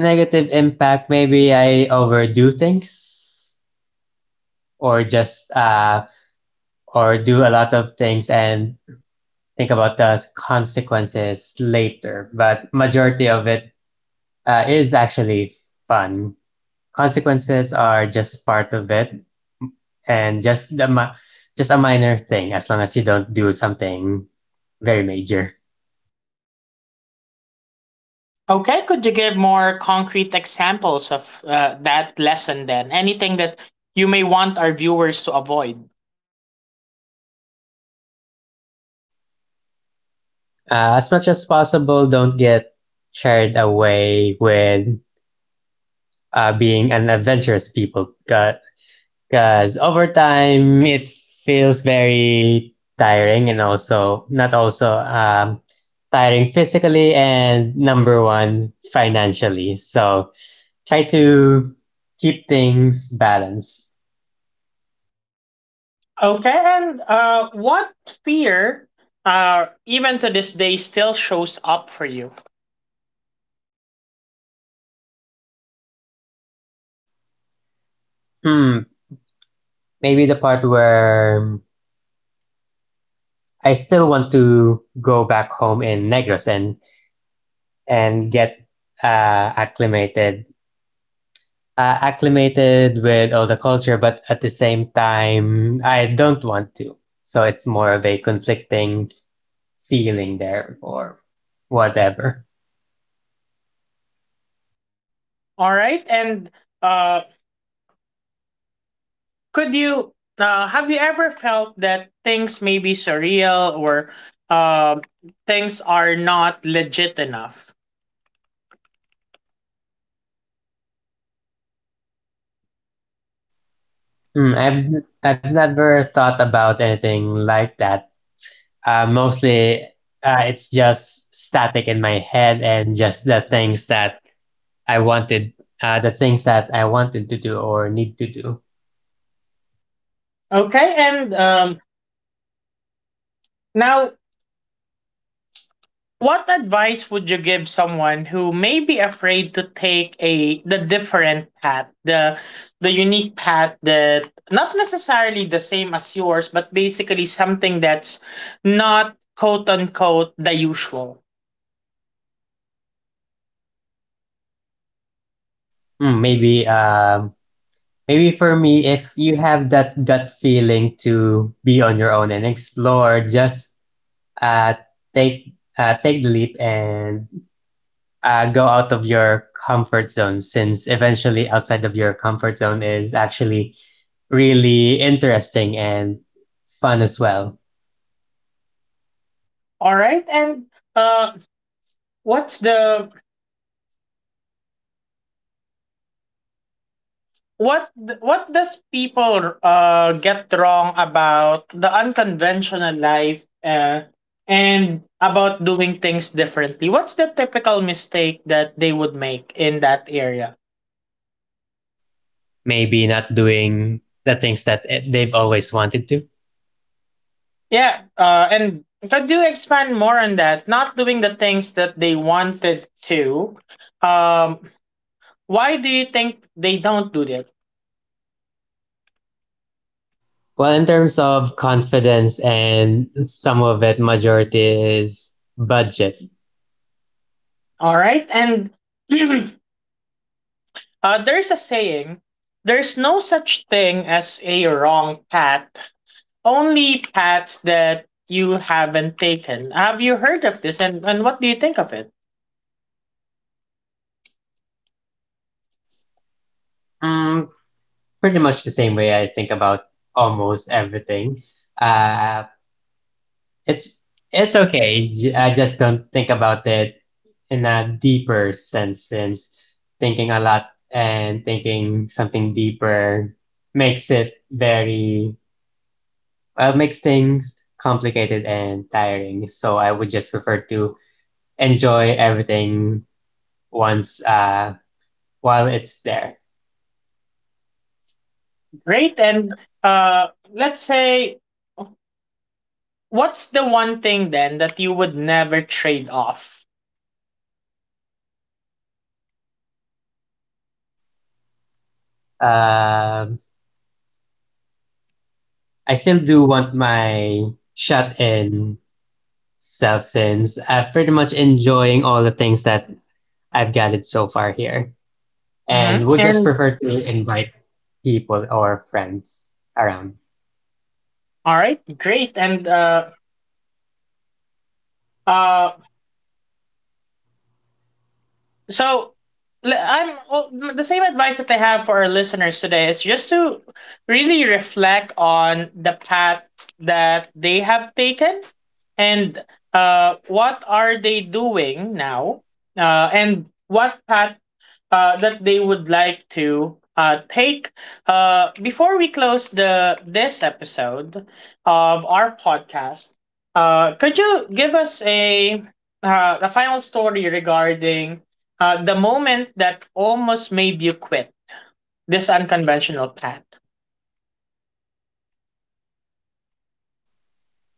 [SPEAKER 2] Negative impact, maybe I overdo things or just or do a lot of things and think about the consequences later. But majority of it is actually fun. Consequences are just part of it and just just a minor thing as long as you don't do something very major.
[SPEAKER 1] Okay, could you give more concrete examples of that lesson then? Anything that you may want our viewers to avoid?
[SPEAKER 2] Uh, as much as possible, don't get carried away with being an adventurous people. Because over time, it feels very tiring and also not also tiring physically and number one, financially. So try to keep things balanced.
[SPEAKER 1] Okay, and what fear, even to this day, still shows up for you?
[SPEAKER 2] Hmm, maybe the part where I still want to go back home in Negros and get uh, acclimated acclimated with all the culture, but at the same time, I don't want to. So it's more of a conflicting feeling there or whatever.
[SPEAKER 1] All right, and uh, Could you have you ever felt that things may be surreal, or uh, things are not legit enough?
[SPEAKER 2] Mm, I've I've never thought about anything like that. Mostly, it's just static in my head and just the things that I wanted, the things that I wanted to do or need to do.
[SPEAKER 1] Okay, and now, what advice would you give someone who may be afraid to take a the different path, the unique path, that not necessarily the same as yours, but basically something that's not, quote unquote, the usual.
[SPEAKER 2] Mm, maybe um, Maybe for me, if you have that gut feeling to be on your own and explore, just uh, take take the leap and go out of your comfort zone. Since eventually, outside of your comfort zone is actually really interesting and fun as well.
[SPEAKER 1] All right, and uh, what's the what th- what does people get wrong about the unconventional life, and about doing things differently? What's the typical mistake that they would make in that area?
[SPEAKER 2] Maybe not doing the things that they've always wanted to.
[SPEAKER 1] Yeah. And could you expand more on that, not doing the things that they wanted to? um why do you think they don't do that?
[SPEAKER 2] Well, in terms of confidence and some of it, majority is budget.
[SPEAKER 1] All right, and there's a saying, there's no such thing as a wrong path. Only paths that you haven't taken. Have you heard of this, and what do you think of it?
[SPEAKER 2] Mm, pretty much the same way I think about almost everything. Uh, it's it's okay. I just don't think about it in a deeper sense since thinking a lot and thinking something deeper makes it very makes things complicated and tiring. So I would just prefer to enjoy everything once while it's there.
[SPEAKER 1] Great. And let's say, what's the one thing then that you would never trade off?
[SPEAKER 2] Um, I still do want my shot in Self since I've pretty much enjoying all the things that I've gathered so far here, and
[SPEAKER 1] Mm-hmm.
[SPEAKER 2] would just
[SPEAKER 1] And
[SPEAKER 2] prefer to invite people or friends around.
[SPEAKER 1] all right, great. And uh, So the same advice that I have for our listeners today is just to really reflect on the path that they have taken, and what are they doing now, and what path that they would like to take, before we close the this episode of our podcast. Could you give us a final story regarding the moment that almost made you quit this unconventional path?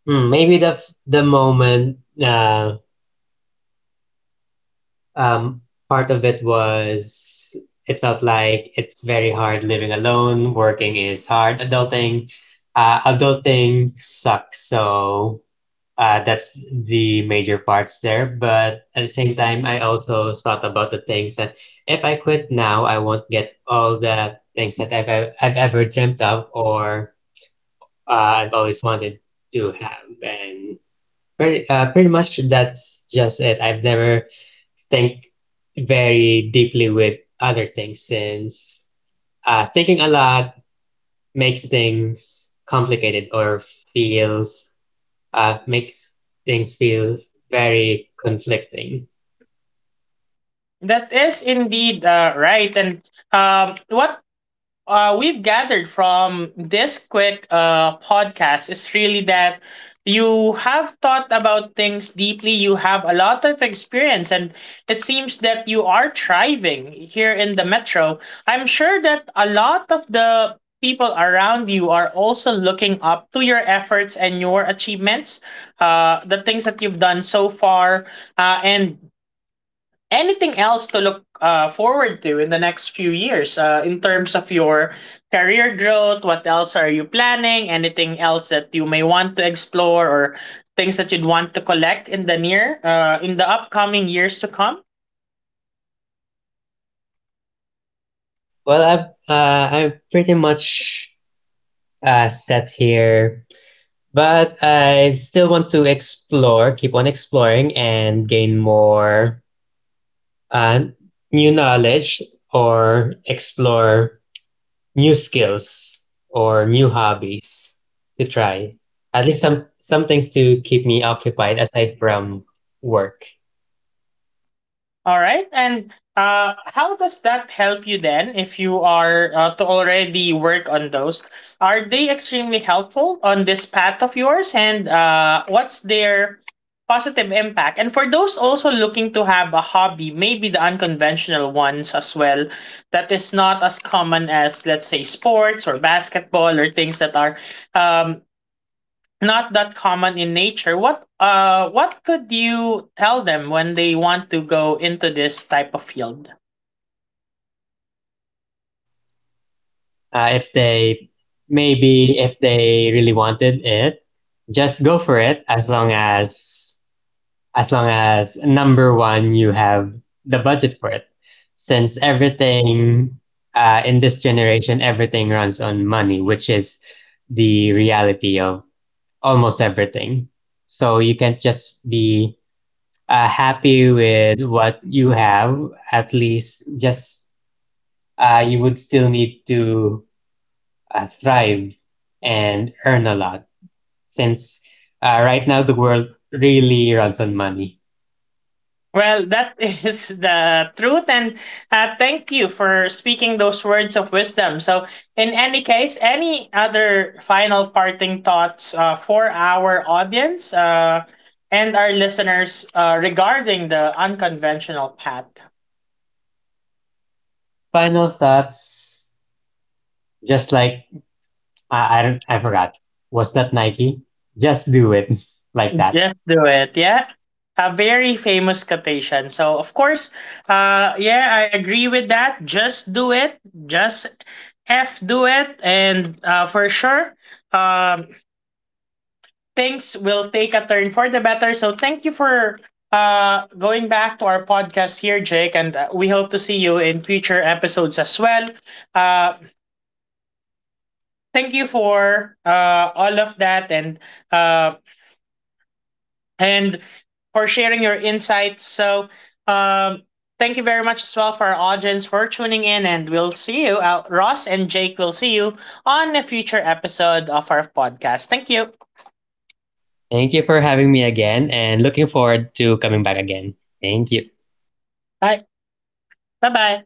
[SPEAKER 2] The moment uh, um, part of it was it felt like it's very hard living alone. Working is hard. Adulting sucks. So that's the major parts there. But at the same time, I also thought about the things that if I quit now, I won't get all the things that I've ever dreamt of or I've always wanted to have. And pretty much that's just it. I've never think very deeply with other things since thinking a lot makes things complicated or feels makes things feel very conflicting.
[SPEAKER 1] That is indeed, right. And what we've gathered from this quick podcast is really that you have thought about things deeply. You have a lot of experience, and it seems that you are thriving here in the metro. I'm sure that a lot of the people around you are also looking up to your efforts and your achievements, the things that you've done so far, and anything else to look forward to in the next few years, in terms of your career growth? What else are you planning? Anything else that you may want to explore, or things that you'd want to collect in the upcoming years to come?
[SPEAKER 2] Well, I'm pretty much set here, but I still want to explore, keep on exploring, and gain more uh, new knowledge or explore new skills or new hobbies to try. At least some things to keep me occupied aside from work.
[SPEAKER 1] All right. And how does that help you then if you are to already work on those? Are they extremely helpful on this path of yours? And what's their positive impact? And for those also looking to have a hobby, maybe the unconventional ones as well, that is not as common as, let's say, sports or basketball, or things that are, um, not that common in nature, what could you tell them when they want to go into this type of field?
[SPEAKER 2] Uh, if they really wanted it, just go for it as long as number one you have the budget for it. Since everything in this generation, everything runs on money, which is the reality of almost everything. So you can't just be happy with what you have. At least, just you would still need to thrived and earn a lot since right now the world really runs on money.
[SPEAKER 1] Well, that is the truth, and thank you for speaking those words of wisdom. So, in any case, any other final parting thoughts, for our audience, and our listeners, regarding the unconventional path?
[SPEAKER 2] Final thoughts, just like don't, I forgot, was that Nike? Just do it like that.
[SPEAKER 1] Just do it, yeah? A very famous quotation. So, of course, yeah, I agree with that. Just do it. Just F do it. And for sure, um, things will take a turn for the better. So thank you for going back to our podcast here, Jake, and we hope to see you in future episodes as well. Uh, Thank you for all of that, uh, and for sharing your insights. So um, thank you very much as well for our audience for tuning in, and we'll see you. Ross and Jake will see you on a future episode of our podcast. Thank you.
[SPEAKER 2] Thank you for having me again and looking forward to coming back again. Thank you.
[SPEAKER 1] Bye. Bye bye.